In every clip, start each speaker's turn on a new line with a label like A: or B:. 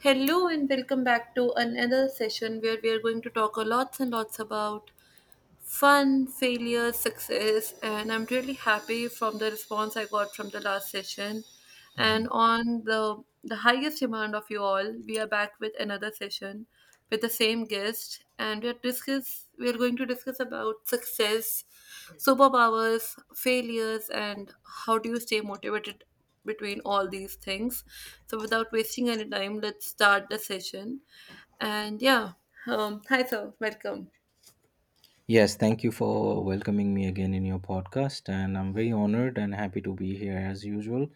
A: Hello and welcome back to another session where we are going to talk a lots and lots about fun, failure, success, and I'm really happy from the response I got from the last session. And
B: Mhm.
A: on the highest demand of you all, we are back with another session with the same guest, and we are going to discuss about success, superpowers, failures, and how do you stay motivated between all these things. So without wasting any time, let's start the session. And yeah, hi sir, welcome.
B: Yes, thank you for welcoming me again in your podcast. And I'm very honored and happy to be here as usual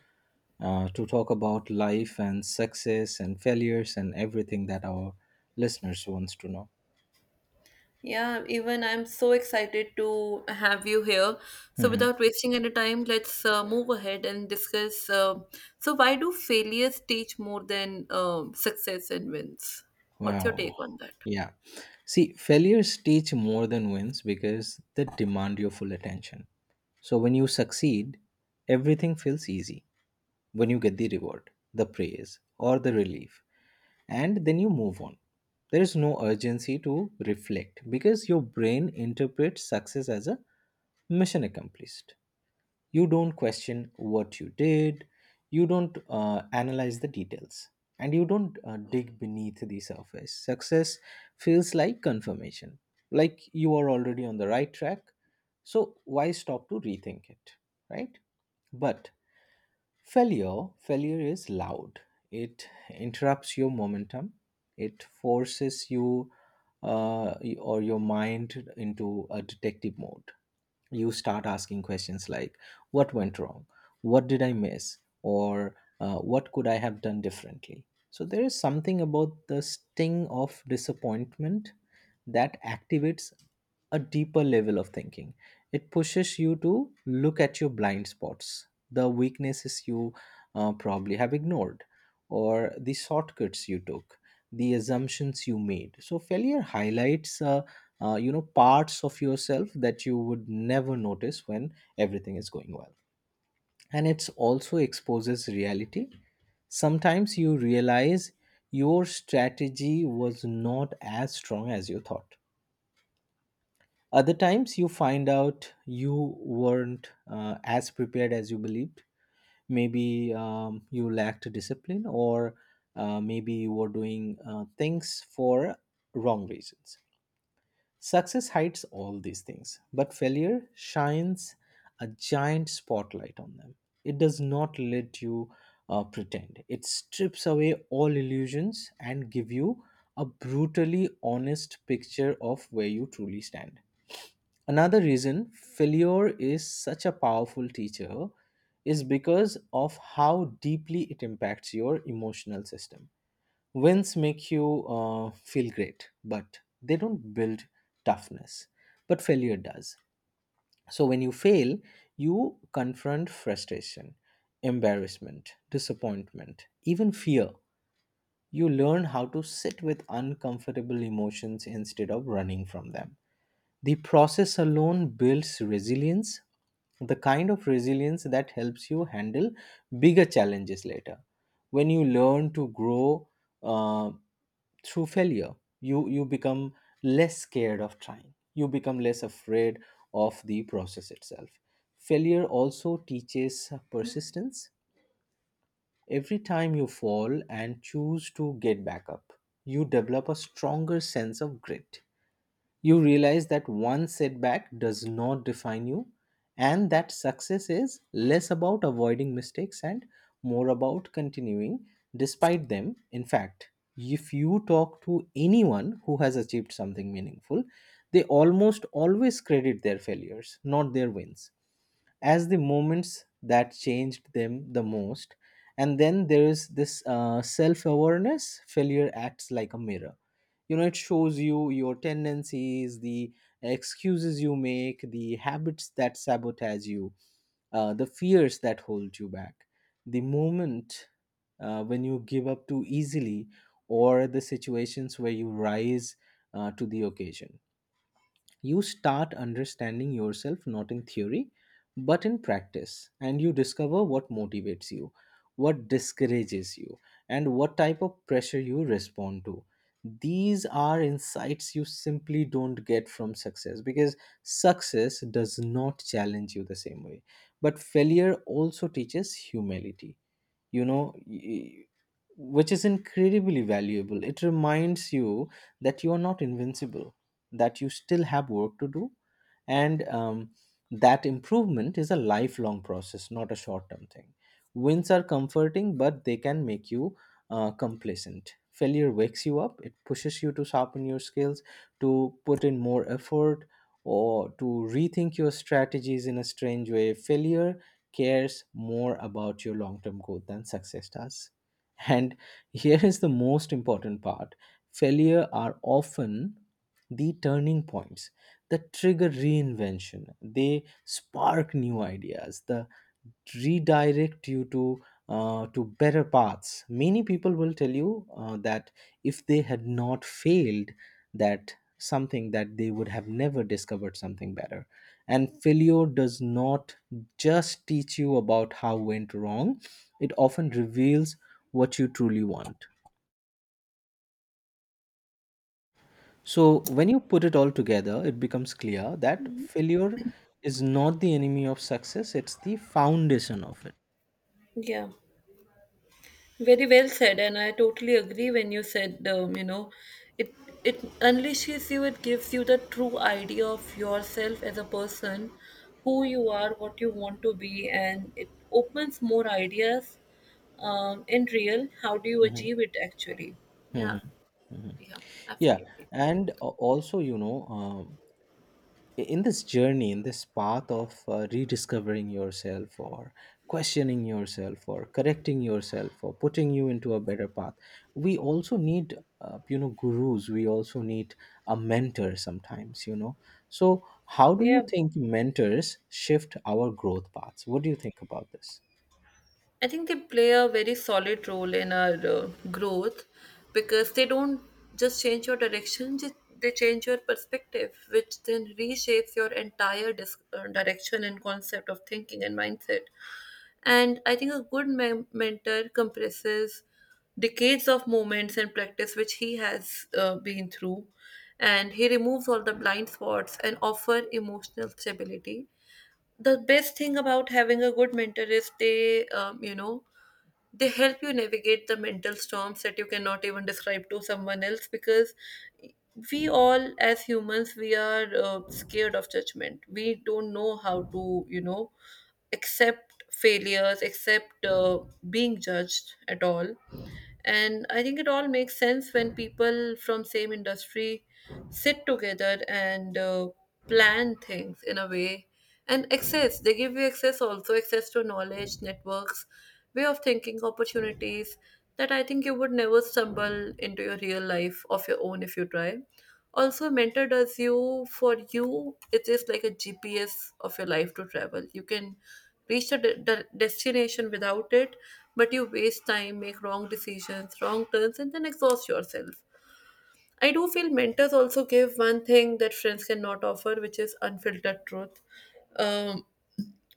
B: to talk about life and success and failures and everything that our listeners wants to know.
A: Yeah, even I'm so excited to have you here. So,
B: Mhm.
A: without wasting any time, let's move ahead and discuss. So, why do failures teach more than success and wins? What's your
B: Wow.
A: take on that?
B: Yeah. See, failures teach more than wins because they demand your full attention. So when you succeed, everything feels easy. When you get the reward, the praise, or the relief, and then you move on. There is no urgency to reflect because your brain interprets success as a mission accomplished. You don't question what you did, you don't analyze the details, and you don't dig beneath the surface. Success feels like confirmation, like you are already on the right track. So, why stop to rethink it, right? But failure is loud. It interrupts your momentum. It forces you uh, or your mind into a detective mode. You start asking questions like, "What went wrong? What did I miss? Or what could I have done differently?" So there is something about the sting of disappointment that activates a deeper level of thinking. It pushes you to look at your blind spots, the weaknesses you probably have ignored, or the shortcuts you took, the assumptions you made. So failure highlights, you know, parts of yourself that you would never notice when everything is going well. And it also exposes reality. Sometimes you realize your strategy was not as strong as you thought. Other times you find out you weren't as prepared as you believed. Maybe you lacked discipline, or maybe you were doing things for wrong reasons. Success hides all these things, but failure shines a giant spotlight on them. It does not let you pretend. It strips away all illusions and give you a brutally honest picture of where you truly stand. Another reason failure is such a powerful teacher is because of how deeply it impacts your emotional system. Wins make you feel great, but they don't build toughness, but failure does. So when you fail, you confront frustration, embarrassment, disappointment, even fear. You learn how to sit with uncomfortable emotions instead of running from them. The process alone builds resilience, the kind of resilience that helps you handle bigger challenges later. When you learn to grow uh, through failure, you become less scared of trying, you become less afraid of the process itself. Failure also teaches persistence. Every time you fall and choose to get back up, you develop a stronger sense of grit. You realize that one setback does not define you, and that success is less about avoiding mistakes and more about continuing despite them. In fact, if you talk to anyone who has achieved something meaningful, they almost always credit their failures, not their wins, as the moments that changed them the most. And then there is this self awareness. Failure acts like a mirror, you know. It shows you your tendencies, the excuses you make, the habits that sabotage you, the fears that hold you back, the moment when you give up too easily, or the situations where you rise to the occasion. You start understanding yourself not in theory, but in practice, and you discover what motivates you, what discourages you, and what type of pressure you respond to. These are insights you simply don't get from success, because success does not challenge you the same way. But failure also teaches humility, you know, which is incredibly valuable. It reminds you that you are not invincible, that you still have work to do, and that improvement is a lifelong process, not a short term thing. Wins are comforting, but they can make you complacent. Failure wakes you up. It pushes you to sharpen your skills, to put in more effort, or to rethink your strategies. In a strange way, failure cares more about your long term growth than success does. And here is the most important part. Failure are often the turning points that trigger reinvention. They spark new ideas, the redirect you to better paths. Many people will tell you that if they had not failed, that something that they would have never discovered something better. And failure does not just teach you about how went wrong, it often reveals what you truly want. So when you put it all together, it becomes clear that failure is not the enemy of success, it's the foundation of it.
A: Yeah. Very well said, and I totally agree when you said, you know, it it unleashes you. It gives you the true idea of yourself as a person, who you are, what you want to be, and it opens more ideas. In real, how do you
B: Mhm.
A: achieve it actually? Yeah,
B: Mhm. Mhm.
A: yeah,
B: Yeah,
A: absolutely.
B: and also, you know, in this journey, in this path of rediscovering yourself, or questioning yourself, or correcting yourself, or putting you into a better path, we also need, you know, gurus. We also need a mentor sometimes, you know. So how do you
A: Yeah.
B: think mentors shift our growth paths? What do you think about this?
A: I think they play a very solid role in our growth because they don't just change your direction, they change your perspective, which then reshapes your entire direction and concept of thinking and mindset. And I think a good mentor compresses decades of moments and practice which he has been through, and he removes all the blind spots and offer emotional stability. The best thing about having a good mentor is they you know, they help you navigate the mental storms that you cannot even describe to someone else, because we all, as humans, we are scared of judgment. We don't know how to, you know, accept failures, accept being judged at all. And I think it all makes sense when people from same industry sit together and plan things in a way. And access they give you access, also access to knowledge networks, way of thinking, opportunities that I think you would never stumble into your real life of your own if you try. Also, a mentor does you for you. It is like a GPS of your life to travel. You can reach the destination without it, but you waste time, make wrong decisions, wrong turns, and then exhaust yourself. I do feel mentors also give one thing that friends cannot offer, which is unfiltered truth. Um,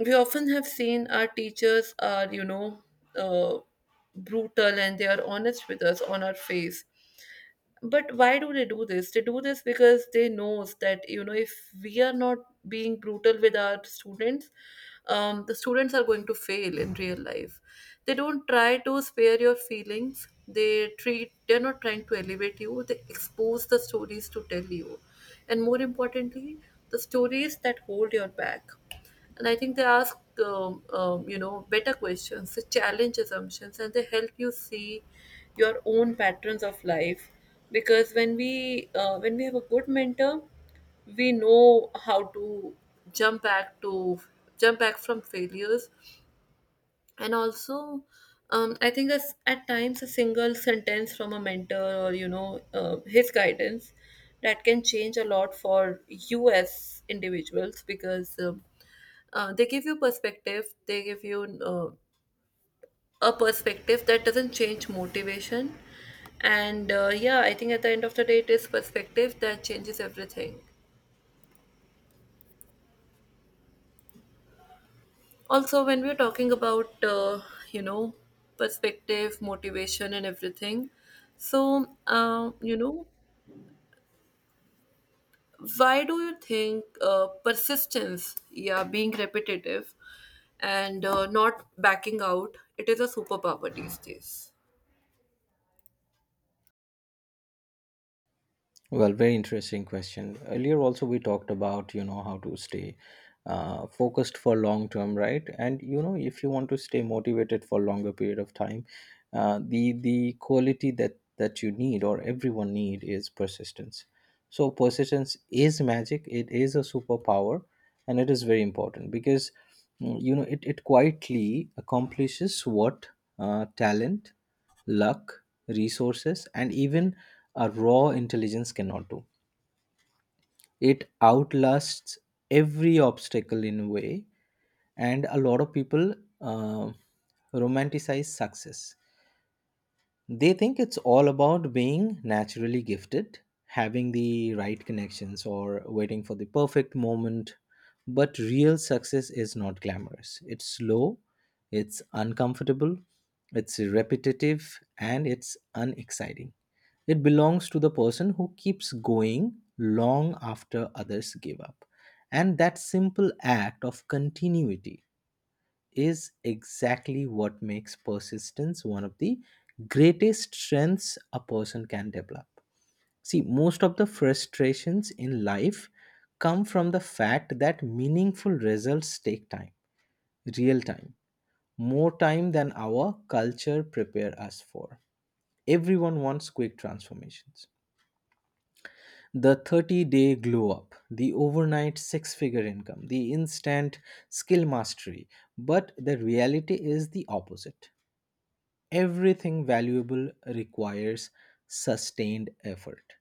A: we often have seen our teachers are, you know, uh, brutal, and they are honest with us on our face. But why do they do this? They do this because they knows that, you know, if we are not being brutal with our students, the students are going to fail in real life. They don't try to spare your feelings. They're not trying to elevate you. They expose the stories to tell you, and more importantly, the stories that hold your back. And I think they ask, you know, better questions. They challenge assumptions, and they help you see your own patterns of life. Because when we have a good mentor, we know how to jump back to jump back from failures. And also, I think as at times a single sentence from a mentor, or you know, his guidance, that can change a lot for you as individuals. Because they give you perspective. They give you uh, a perspective that doesn't change motivation. And yeah, I think at the end of the day, it is perspective that changes everything. Also, when we're talking about you know, perspective, motivation, and everything, so you know, why do you think persistence, yeah, being repetitive and not backing out, it is a superpower these days?
B: Well, very interesting question. Earlier, also, we talked about, you know, how to stay focused for long term, right? And, you know, if you want to stay motivated for longer period of time, the quality that you need, or everyone need, is persistence. So persistence is magic. It is a superpower, and it is very important because, you know, it quietly accomplishes what talent, luck, resources, and even a raw intelligence cannot do. It outlasts every obstacle in a way, and a lot of people uh, romanticize success. They think it's all about being naturally gifted, having the right connections, or waiting for the perfect moment. But real success is not glamorous. It's slow, it's uncomfortable, it's repetitive, and it's unexciting. It belongs to the person who keeps going long after others give up. And that simple act of continuity is exactly what makes persistence one of the greatest strengths a person can develop. See, most of the frustrations in life come from the fact that meaningful results take time, real time, more time than our culture prepare us for. Everyone wants quick transformations. The 30-day glow up, the overnight 6 figure income, the instant skill mastery. But the reality is the opposite. Everything valuable requires sustained effort.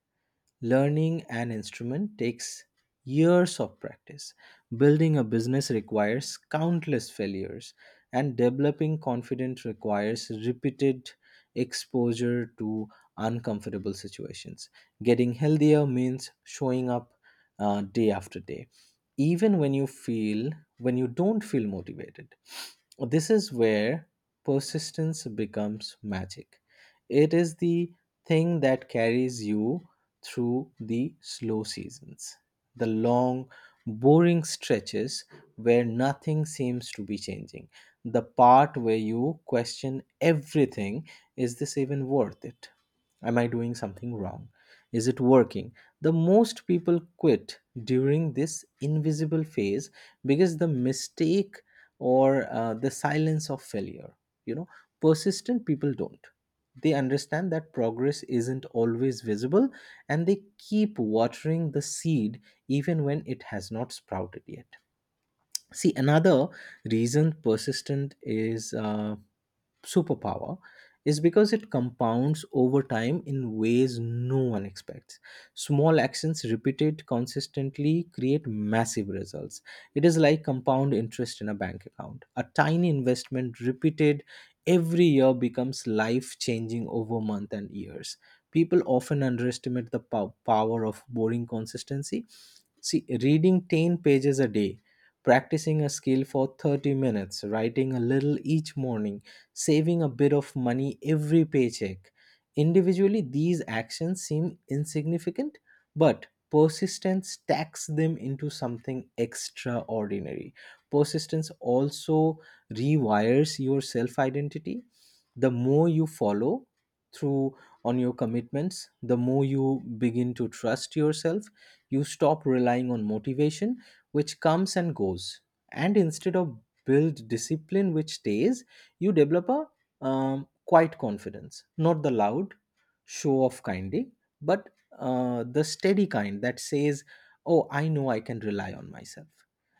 B: Learning an instrument takes years of practice. Building a business requires countless failures, and developing confidence requires repeated exposure to uncomfortable situations. Getting healthier means showing up day after day, even when you feel when you don't feel motivated. This is where persistence becomes magic. It is the thing that carries you through the slow seasons, the long, boring stretches where nothing seems to be changing, the part where you question everything. Is this even worth it? Am I doing something wrong? Is it working? The most people quit during this invisible phase because the mistake, or the silence of failure, you know, persistent people don't. They understand that progress isn't always visible, and they keep watering the seed even when it has not sprouted yet. See, another reason persistent is. Superpower is because it compounds over time in ways no one expects. Small actions repeated consistently create massive results. It is like compound interest in a bank account. A tiny investment repeated every year becomes life changing over months and years. People often underestimate the power of boring consistency. See, reading 10 pages a day, practicing a skill for 30 minutes, writing a little each morning, saving a bit of money every paycheck. Individually, these actions seem insignificant, but persistence stacks them into something extraordinary. Persistence also rewires your self identity. The more you follow through on your commitments, the more you begin to trust yourself. You stop relying on motivation, which comes and goes, and instead of build discipline which stays. You develop a quiet confidence, not the loud show off kindy, but the steady kind that says, Oh, I know I can rely on myself.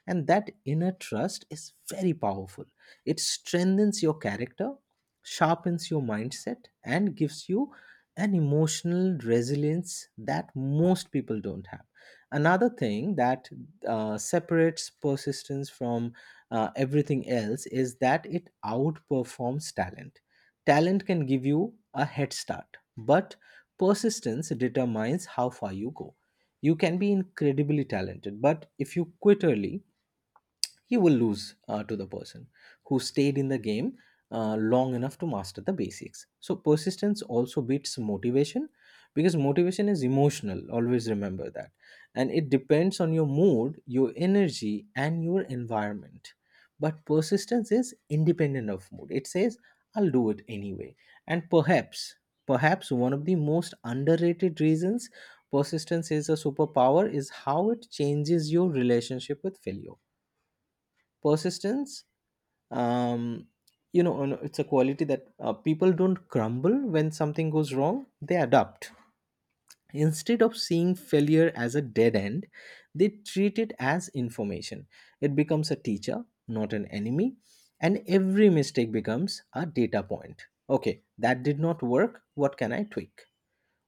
B: And that inner trust is very powerful. It strengthens your character, sharpens your mindset, and gives you an emotional resilience that most people don't have. Another thing that separates persistence from everything else is that it outperforms talent. Talent can give you a head start, but persistence determines how far you go. You can be incredibly talented, but if you quit early, he will lose to the person who stayed in the game long enough to master the basics. So, persistence also beats motivation because motivation is emotional, always remember that. And it depends on your mood, your energy, and your environment. But persistence is independent of mood. It says, I'll do it anyway. And perhaps, perhaps one of the most underrated reasons persistence is a superpower is how it changes your relationship with failure. Persistence um, you know and it's a quality that people don't crumble when something goes wrong. They adapt. Instead of seeing failure as a dead end, they treat it as information. It becomes a teacher, not an enemy. And every mistake becomes a data point. Okay, that did not work. What can I tweak?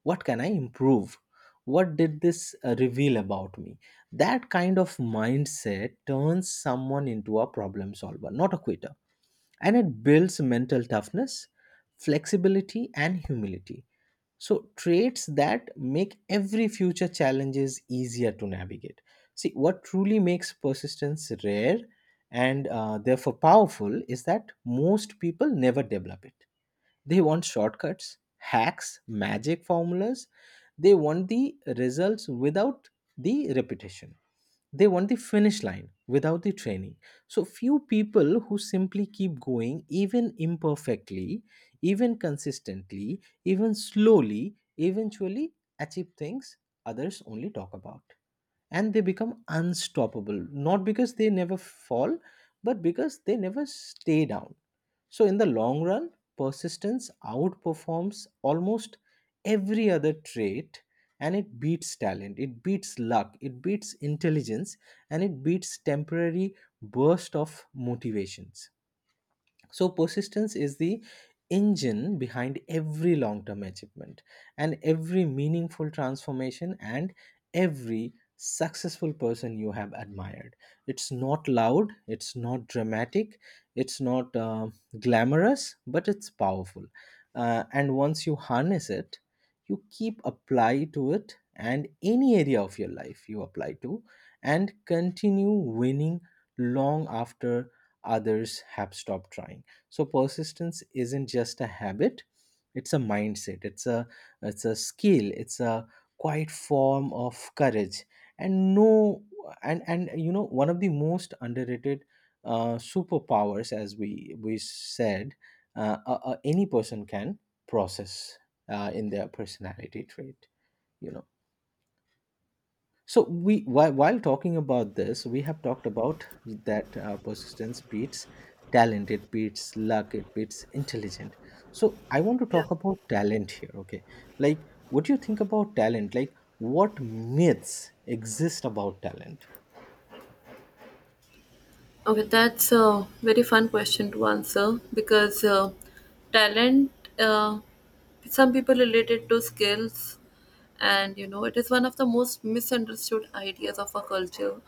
B: What can I improve? What did this reveal about me? That kind of mindset turns someone into a problem solver, not a quitter. And it builds mental toughness, flexibility and humility, so traits that make every future challenges easier to navigate. See, what truly makes persistence rare and therefore powerful is that most people never develop it. They want shortcuts, hacks, magic formulas. They want the results without the repetition. They want the finish line without the training. So, few people who simply keep going, even imperfectly, even consistently, even slowly, eventually achieve things others only talk about. And they become unstoppable, not because they never fall, but because they never stay down. So, in the long run, persistence outperforms almost every other trait, and it beats talent, it beats luck, it beats intelligence, and it beats temporary burst of motivations. So, persistence is the engine behind every long term achievement and every meaningful transformation and every successful person you have admired. It's not loud, it's not dramatic, it's not glamorous, but it's powerful. And once you harness it, you keep apply to it and any area of your life you apply to and continue winning long after others have stopped trying. So persistence isn't just a habit, it's a mindset, it's a skill, it's a quiet form of courage. And no and and you know one of the most underrated superpowers, as we said, any person can process in their personality trait, you know. So while talking about this, we have talked about that persistence beats talent, it beats luck, it beats intelligent. So I want to
A: Yeah.
B: talk about talent here. Okay, like what do you think about talent? Like what myths exist about talent?
A: Okay, that's a very fun question to answer, because talent, uh, some people relate it to skills, and you know, it is one of the most misunderstood ideas of our culture.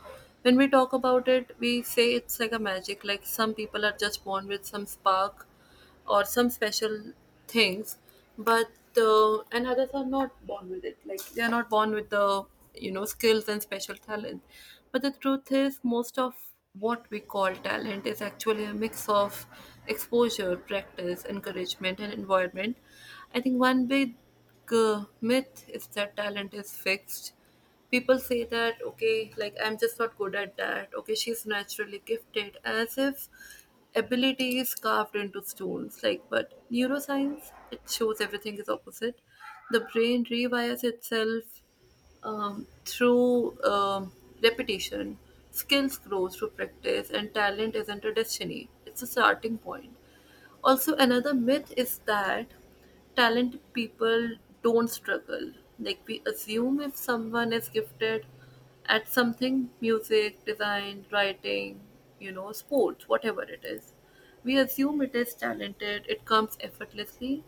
A: When we talk about it, we say it's like a magic, like some people are just born with some spark, or some special things. But and others are not born with it, like they are not born with the, you know, skills and special talent. But the truth is, most of what we call talent is actually a mix of exposure, practice, encouragement, and environment. I think one big myth is that talent is fixed. People say that, okay, like, I'm just not good at that, okay, she's naturally gifted, as if ability is carved into stones. Like, but neuroscience, it shows everything is opposite. The brain rewires itself through repetition. Skills grow through practice, and talent isn't a destiny, it's a starting point. Also, another myth is that talented people don't struggle. Like, we assume if someone is gifted at something, music, design, writing, you know, sports, whatever it is, we assume it is talented, it comes effortlessly.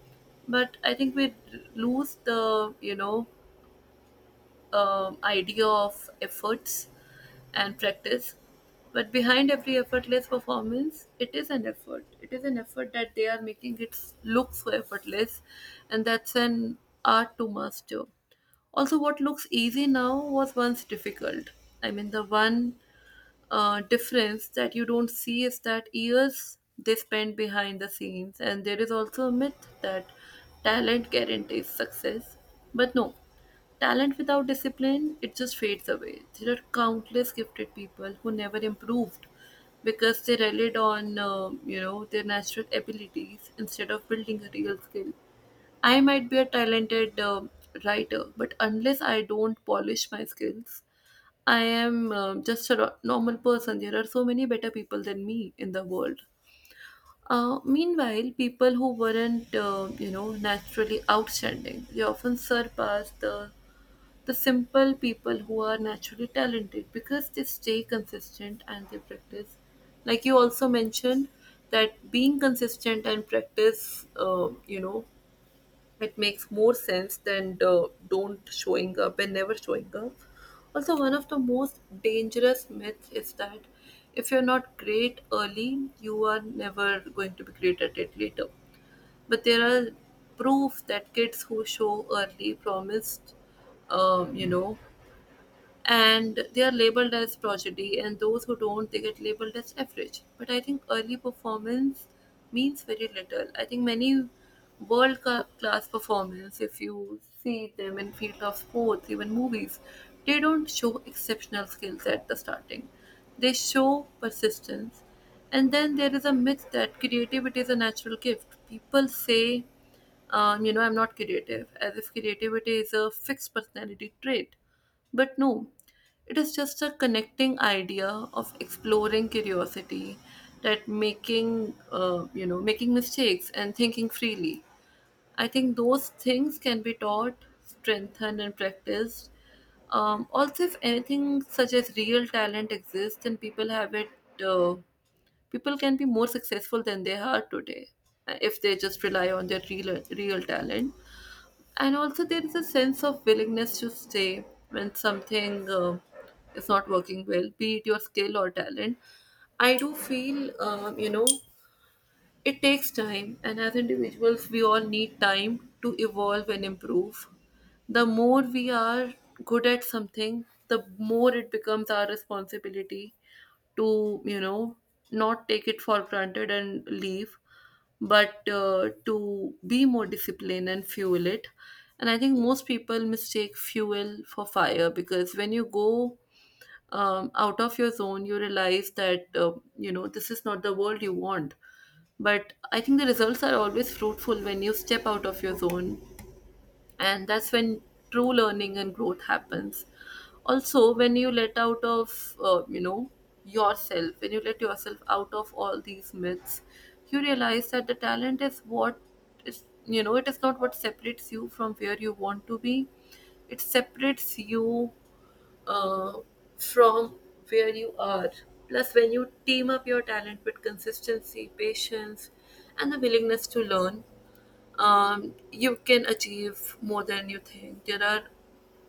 A: But I think we lose the, you know, idea of efforts and practice. But behind every effortless performance, it is an effort. It is an effort that they are making it look so effortless, and that's an art to master. Also, what looks easy now was once difficult. I mean, the one difference that you don't see is that years they spend behind the scenes. And there is also a myth that talent guarantees success. But no, talent without discipline, it just fades away. There are countless gifted people who never improved because they relied on, you know, their natural abilities instead of building a real skill. I might be a talented writer, but unless I don't polish my skills, I am, just a normal person. There are so many better people than me in the world. Meanwhile, people who weren't, you know, naturally outstanding, they often surpass the simple people who are naturally talented, because they stay consistent and they practice. Like you also mentioned that being consistent and practice, you know, it makes more sense than the don't showing up and never showing up. Also, one of the most dangerous myths is that if you're not great early, you are never going to be great at it later. But there are proof that kids who show early promised, you know, and they are labeled as prodigy, and those who don't, they get labeled as average. But I think early performance means very little. I think many world class performance, if you see them in field of sports, even movies, they don't show exceptional skills at the starting. They show persistence. And then there is a myth that creativity is a natural gift. People say, you know, I'm not creative, as if creativity is a fixed personality trait. But no, it is just a connecting idea of exploring curiosity, that making, you know, making mistakes and thinking freely. I think those things can be taught, strengthened, and practiced. Also, if anything such as real talent exists, then people have it. Uh, People can be more successful than they are today, if they just rely on their real talent. And also, there is a sense of willingness to stay when something is not working well, be it your skill or talent. I do feel, you know, it takes time, and as individuals, we all need time to evolve and improve. The more we are good at something, the more it becomes our responsibility to, you know, not take it for granted and leave, but to be more disciplined and fuel it. And I think most people mistake fuel for fire, because when you go out of your zone, you realize that, you know, this is not the world you want. But I think the results are always fruitful when you step out of your zone, and that's when true learning and growth happens. Also, when you let out of, you know, yourself, when you let yourself out of all these myths, you realize that the talent is what, is, you know, it is not what separates you from where you want to be. It separates you uh, from where you are. Plus, when you team up your talent with consistency, patience, and the willingness to learn, you can achieve more than you think. There are,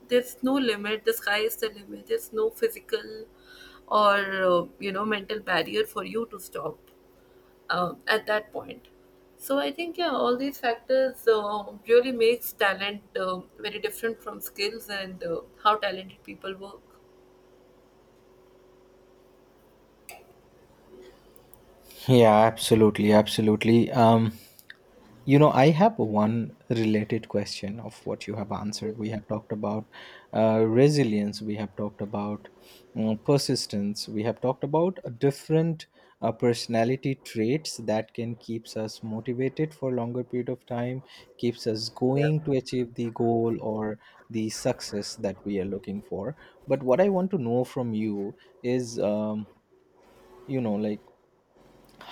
A: there's no limit. The sky is the limit. There's no physical or you know, mental barrier for you to stop at that point. So I think, yeah, all these factors really makes talent very different from skills and how talented people work.
B: Yeah, absolutely, absolutely. You know, I have one related question of what you have answered. We have talked about resilience, we have talked about persistence, we have talked about different personality traits that can keeps us motivated for longer period of time, keeps us going to achieve the goal or the success that we are looking for. But what I want to know from you is, you know, like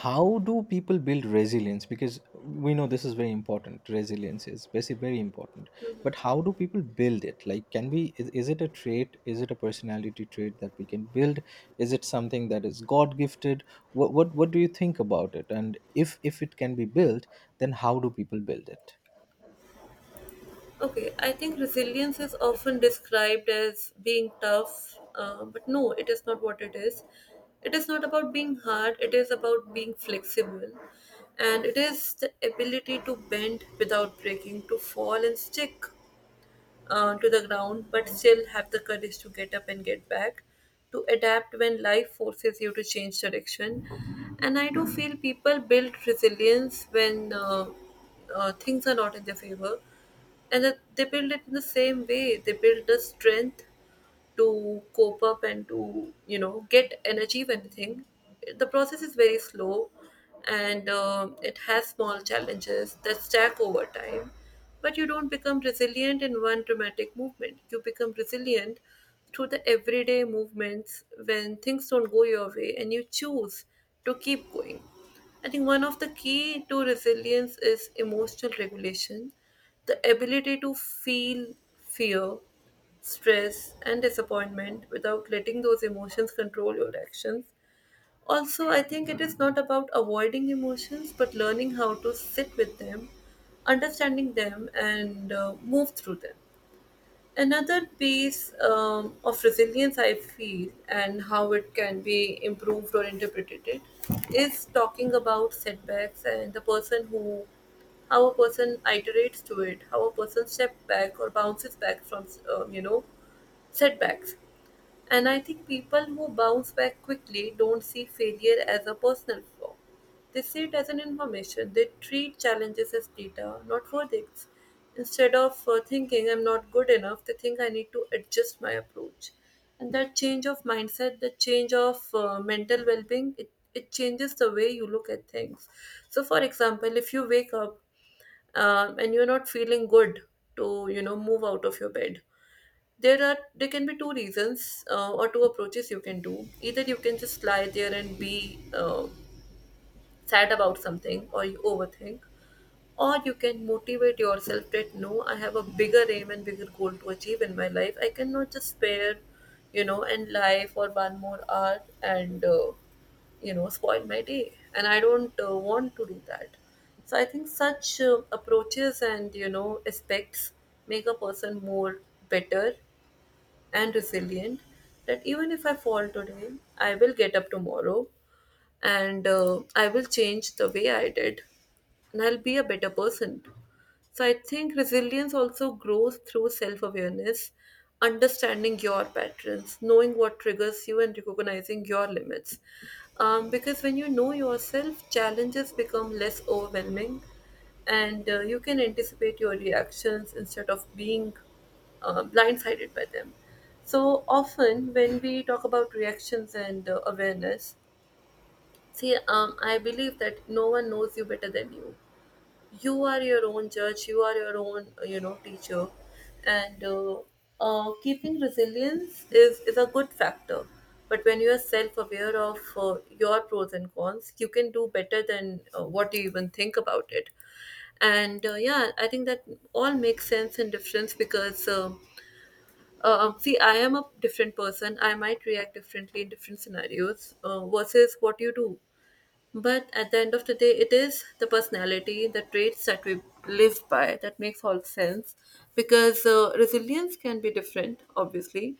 B: how do people build resilience, because we know this is very important. Resilience is basically very important, but how do people build it? Like can we, is it a trait, is it a personality trait that we can build, is it something that is god gifted? What what do you think about it, and if it can be built, then how do people build it?
A: Okay, I think resilience is often described as being tough, but no, it is not what it is. It is not about being hard, it is about being flexible. And it is the ability to bend without breaking, to fall and stick to the ground, but still have the courage to get up and get back, to adapt when life forces you to change direction. And I do feel people build resilience when things are not in their favor, and that they build it in the same way. They build the strength to cope up and to get and achieve anything. The process is very slow, and it has small challenges that stack over time. But you don't become resilient in one dramatic movement. You become resilient through the everyday movements when things don't go your way and you choose to keep going. I think one of the key to resilience is emotional regulation, the ability to feel fear, stress and disappointment without letting those emotions control your actions. Also, I think it is not about avoiding emotions but learning how to sit with them, understanding them, and move through them. Another piece of resilience I feel and how it can be improved or interpreted is talking about setbacks and the person who how a person iterates to it, how a person steps back or bounces back from, um, you know, setbacks. And I think people who bounce back quickly don't see failure as a personal flaw. They see it as an information. They treat challenges as data, not verdicts. Instead of thinking I'm not good enough, they think I need to adjust my approach. And that change of mindset, that change of mental well being, it changes the way you look at things. So, for example, if you wake up and you're not feeling good to, move out of your bed, there can be two reasons or two approaches you can do. Either you can just lie there and be sad about something, or you overthink, or you can motivate yourself that no, I have a bigger aim and bigger goal to achieve in my life. I cannot just spare, and lie for one more hour and spoil my day, and I don't want to do that. So I think such approaches and aspects make a person more better and resilient, that even if I fall today, I will get up tomorrow and I will change the way I did, and I'll be a better person. So I think resilience also grows through self awareness, understanding your patterns, knowing what triggers you, and recognizing your limits. Because when you know yourself, challenges become less overwhelming, and you can anticipate your reactions instead of being blindsided by them. So often, when we talk about reactions and awareness, see, I believe that no one knows you better than you. You are your own judge. You are your own, teacher, and keeping resilience is a good factor. But when you are self-aware of your pros and cons, you can do better than what you even think about it. And yeah, I think that all makes sense and difference. Because, see, I am a different person. I might react differently in different scenarios versus what you do, but at the end of the day, it is the personality, the traits that we live by that makes all sense, because resilience can be different, obviously.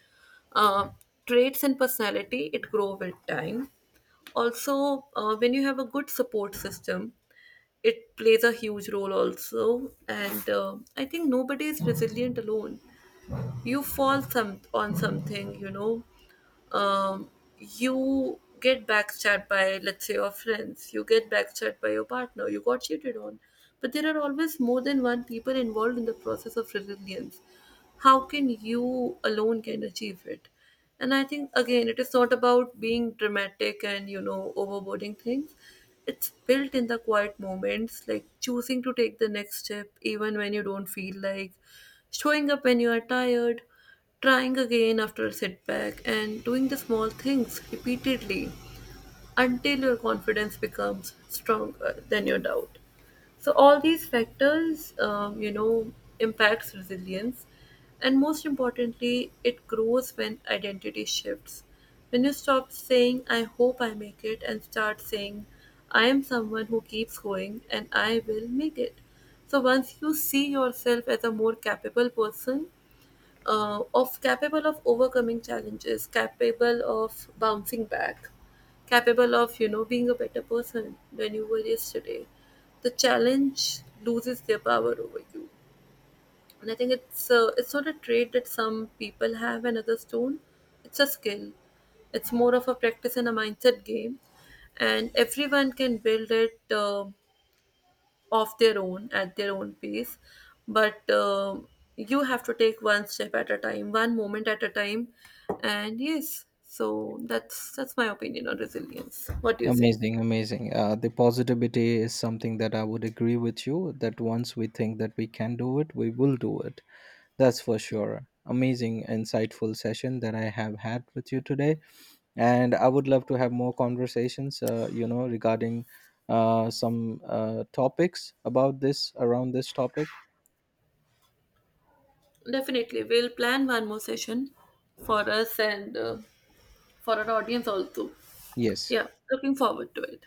A: Uh, Traits and personality, it grow with time. Also, when you have a good support system, it plays a huge role also. And I think nobody is resilient alone. You fall some on something, um, you get backstabbed by, let's say, your friends, you get backstabbed by your partner, you got cheated on. But there are always more than one people involved in the process of resilience. How can you alone can achieve it? And I think again, it is not about being dramatic and overboarding things. It's built in the quiet moments, like choosing to take the next step even when you don't feel like showing up when you are tired, trying again after a setback, and doing the small things repeatedly until your confidence becomes stronger than your doubt. So all these factors, impacts resilience, and most importantly, it grows when identity shifts. When you stop saying "I hope I make it" and start saying "I am someone who keeps going and I will make it." So once you see yourself as a more capable person, of capable of overcoming challenges, capable of bouncing back, capable of being a better person than you were yesterday. The challenge loses their power over you, and I think it's not a trait that some people have and others don't. It's a skill. It's more of a practice and a mindset game, and everyone can build it. Of their own at their own pace. But you have to take one step at a time, one moment at a time. And yes, so that's my opinion on resilience. What do you say?
B: Amazing, amazing. The positivity is something that I would agree with you, that once we think that we can do it, we will do it. That's for
A: Yeah.
B: sure. Amazing, insightful session that I have had with you today. And I would love to have more conversations, regarding some topics about this, around this topic.
A: Definitely, we'll plan one more session for us and for our audience also.
B: Yes.
A: Yeah, looking forward to it.